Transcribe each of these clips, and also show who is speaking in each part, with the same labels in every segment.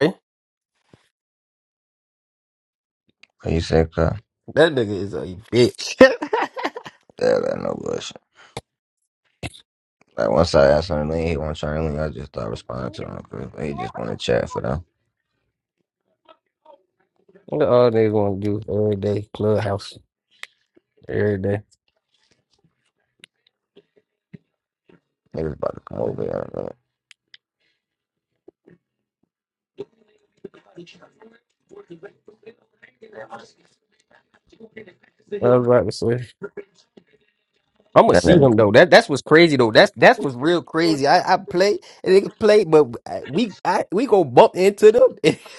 Speaker 1: Eh?
Speaker 2: When You said, "Cuh,
Speaker 1: That nigga is a bitch.
Speaker 2: yeah, that no bullshit." Like once I asked him to leave, he won't try to leave. I just started responding to him because he just want to chat for them.
Speaker 1: Look all niggas want to do every day, clubhouse every day.
Speaker 2: Niggas about to come over here. and, uh,
Speaker 1: I was about to say, I'm gonna
Speaker 2: That
Speaker 1: see
Speaker 2: nigga
Speaker 1: him though. That that's what's crazy though. That's that's what's real crazy. I I play and they play, but I- we I, we gonna bump into them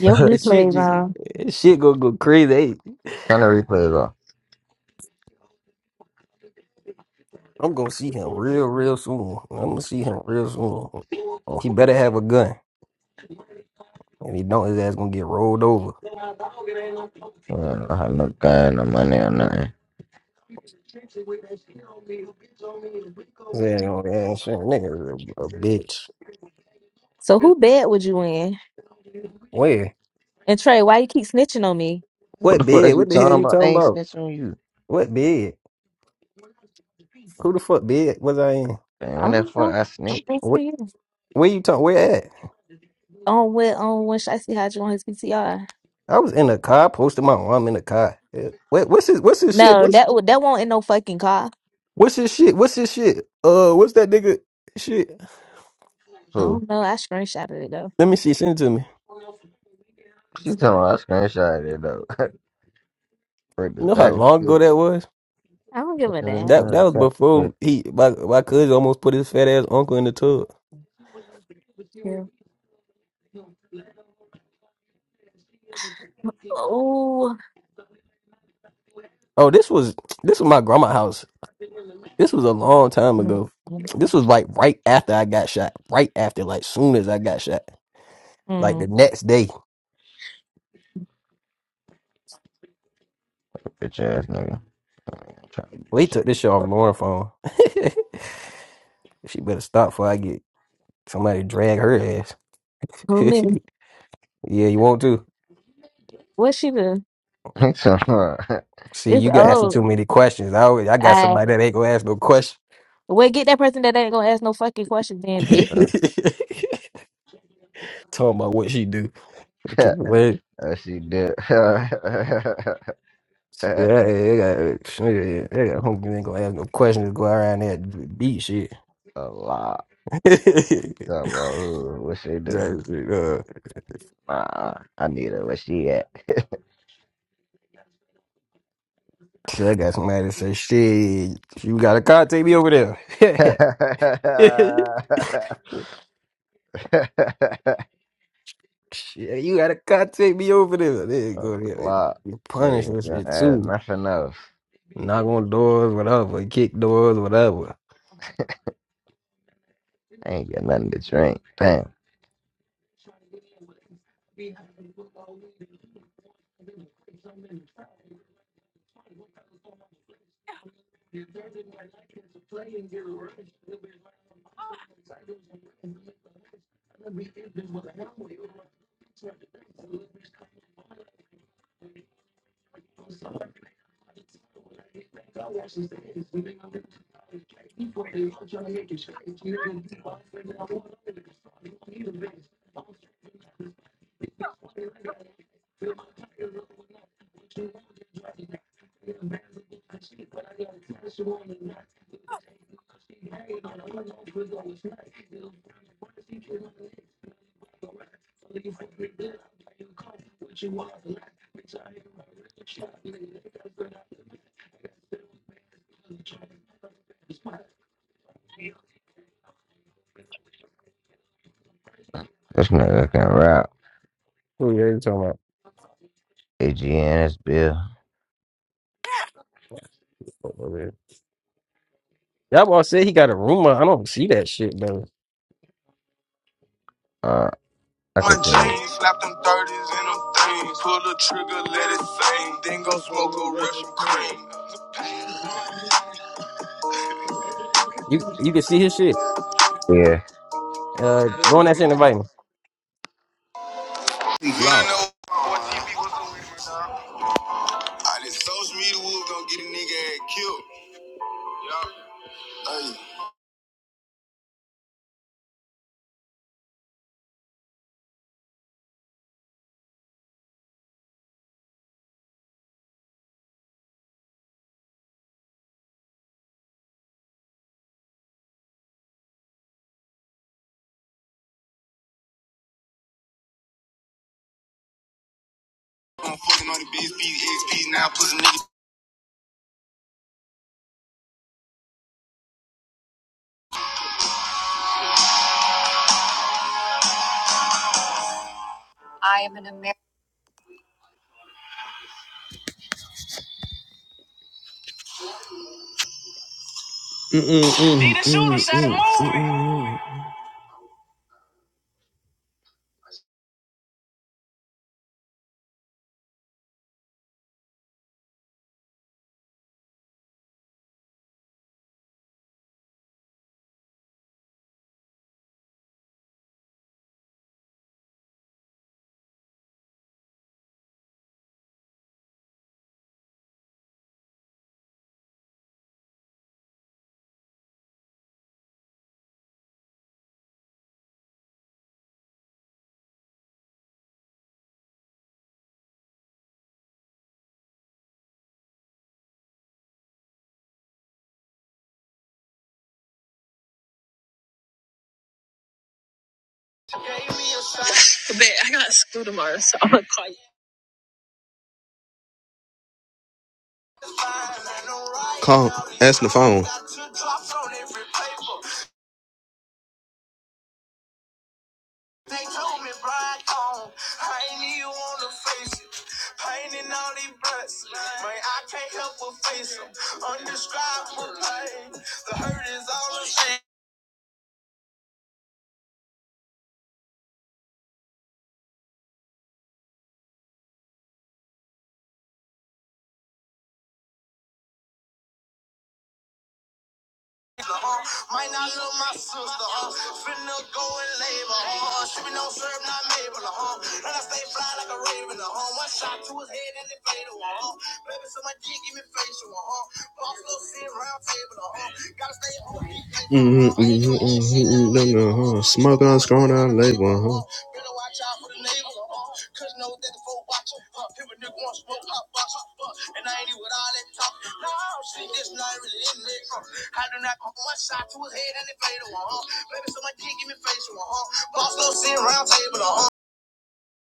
Speaker 3: Your
Speaker 1: shit
Speaker 3: replays
Speaker 1: just
Speaker 3: on.
Speaker 1: and shit gonna go crazy. Hey,
Speaker 2: kind of replays off.
Speaker 1: I'm gonna see him real real soon. I'm gonna see him real soon. He better have a gun. If he don't, his ass gonna get rolled over.
Speaker 2: I don't have no gun, no money, or nothing.
Speaker 1: Yeah, you know, that shit, nigga, is a a bitch.
Speaker 3: So who bed would you in?
Speaker 1: Where?
Speaker 3: And Trey, why you keep snitching on me?
Speaker 2: What the
Speaker 1: What
Speaker 2: fuck
Speaker 1: bed?
Speaker 2: is you
Speaker 1: What the hell
Speaker 2: talking
Speaker 1: you
Speaker 2: about? I
Speaker 1: talking
Speaker 2: ain't
Speaker 1: about?
Speaker 2: snitching on you.
Speaker 1: What bed? Who the fuck bed was I in?
Speaker 2: Damn,
Speaker 3: I
Speaker 2: when the
Speaker 3: don't
Speaker 2: fuck
Speaker 3: know.
Speaker 2: I
Speaker 3: I'm
Speaker 2: snitch?
Speaker 3: thanks to
Speaker 1: What,
Speaker 3: you.
Speaker 1: where you talking? Where at?
Speaker 3: On what on when should I see how you on his PTR?
Speaker 1: I was in the car. I posted my arm in the car. Yeah. What, what's his? What's his shit?
Speaker 3: No,
Speaker 1: What's
Speaker 3: that would that won't in no fucking car.
Speaker 1: what's his shit? What's his shit? Uh, what's that nigga shit?
Speaker 3: I
Speaker 2: Who?
Speaker 3: don't know. I screenshotted it though.
Speaker 1: Let me see. Send it to me.
Speaker 2: She talking about I screenshot it though. Break this
Speaker 1: You know how
Speaker 2: back and
Speaker 1: long ago
Speaker 2: shit.
Speaker 1: that was?
Speaker 3: I don't give
Speaker 2: Check
Speaker 3: a
Speaker 2: it
Speaker 3: damn.
Speaker 2: out,
Speaker 1: That that
Speaker 2: check
Speaker 1: was
Speaker 2: it out.
Speaker 1: before he my my cousin almost put his fat ass uncle in the tub.
Speaker 3: Yeah. Oh
Speaker 1: Oh, this was this was my grandma house. This was a long time
Speaker 3: mm.
Speaker 1: ago. This was like right after I got shot. Right after, like soon as I got shot. Like the
Speaker 3: mm.
Speaker 1: next day,
Speaker 2: Bitch ass nigga. I ain't trying to do
Speaker 1: we
Speaker 2: shit.
Speaker 1: took this shit off Lauren phone. she better stop before I get somebody drag her ass.
Speaker 3: who
Speaker 1: yeah,
Speaker 3: me?
Speaker 1: you want to?
Speaker 3: What she do?
Speaker 2: He so about-
Speaker 1: See,
Speaker 3: It's
Speaker 1: you got asking too
Speaker 3: old.
Speaker 1: many questions. I always, I got
Speaker 3: I
Speaker 1: somebody that ain't gonna ask no question.
Speaker 3: well get that person that ain't gonna ask no fucking questions then
Speaker 2: For
Speaker 3: bitch.
Speaker 2: sure.
Speaker 1: Talking about what she do. The kid, what?
Speaker 2: Uh, she did a
Speaker 1: Yeah, yeah, they got, yeah, they got Homie ain't gonna ask no questions. Go around there and beat shit.
Speaker 2: lot.
Speaker 1: Just,
Speaker 2: So, about who- what she do?
Speaker 1: uh,
Speaker 2: Nah, I need her. Where she at?
Speaker 1: shit, I got somebody to say, shit, you gotta contact me over there.
Speaker 2: a
Speaker 1: Shit, you gotta contact me over there. Like, There go. there.
Speaker 2: lot.
Speaker 1: you
Speaker 2: They
Speaker 1: punish
Speaker 2: ain't
Speaker 1: this
Speaker 2: gonna
Speaker 1: shit
Speaker 2: add
Speaker 1: too.
Speaker 2: nothing else.
Speaker 1: Knock on doors, whatever. Kick doors, whatever.
Speaker 2: I ain't get nothing to drink. Damn, this nigga can rap.
Speaker 1: Who you ain't talking about?
Speaker 2: AGNS Bill.
Speaker 1: Over there. Y'all all said he got a rumor. I don't see that shit though.
Speaker 2: Uh, I
Speaker 4: My
Speaker 2: could drink.
Speaker 4: jeans, slap them 30s and them things. Pull the trigger, let it sing. Then go smoke a Russian cream.
Speaker 1: You you can see his shit. Uh, go on that shit and invite me.
Speaker 4: We ain't Loud. no- fourteen. All this social media wood gon' get a nigga ass killed. Hey, I'm fucking on the bitch, now pussy niggas. I am an American. But I got school tomorrow, so I'm gonna call you. Call, answer the phone. They told me right on. I ain't even wanna face it. Pain and all these blessings. Man, I can't help but face them. Undescribable pain. The hurt is all the same. sister, huh? Might not love my sister, huh? Finna go and labor, huh? She be no serve, not Mabel, huh? And I stay fly like a raven, huh? One shot to his head and it fade away, huh? Baby, so my dick give me facial, huh? Boss little sit round table, huh? Gotta stay home. Mm-hmm, mm-hmm, mm-hmm, mm-hmm, Mm hmm. huh? Smoke on, scroll down, label, huh? Better watch out for the neighbors. Cause no nigga for watching. Huh, if a nigga want smoke, pop box. Huh, and I ain't even with all that talk. No, see, this not really in me. Huh, I do not come one shot to his head and it fade away. Huh, baby, so my dick give me face. Huh, boss, no sitting round table. Huh.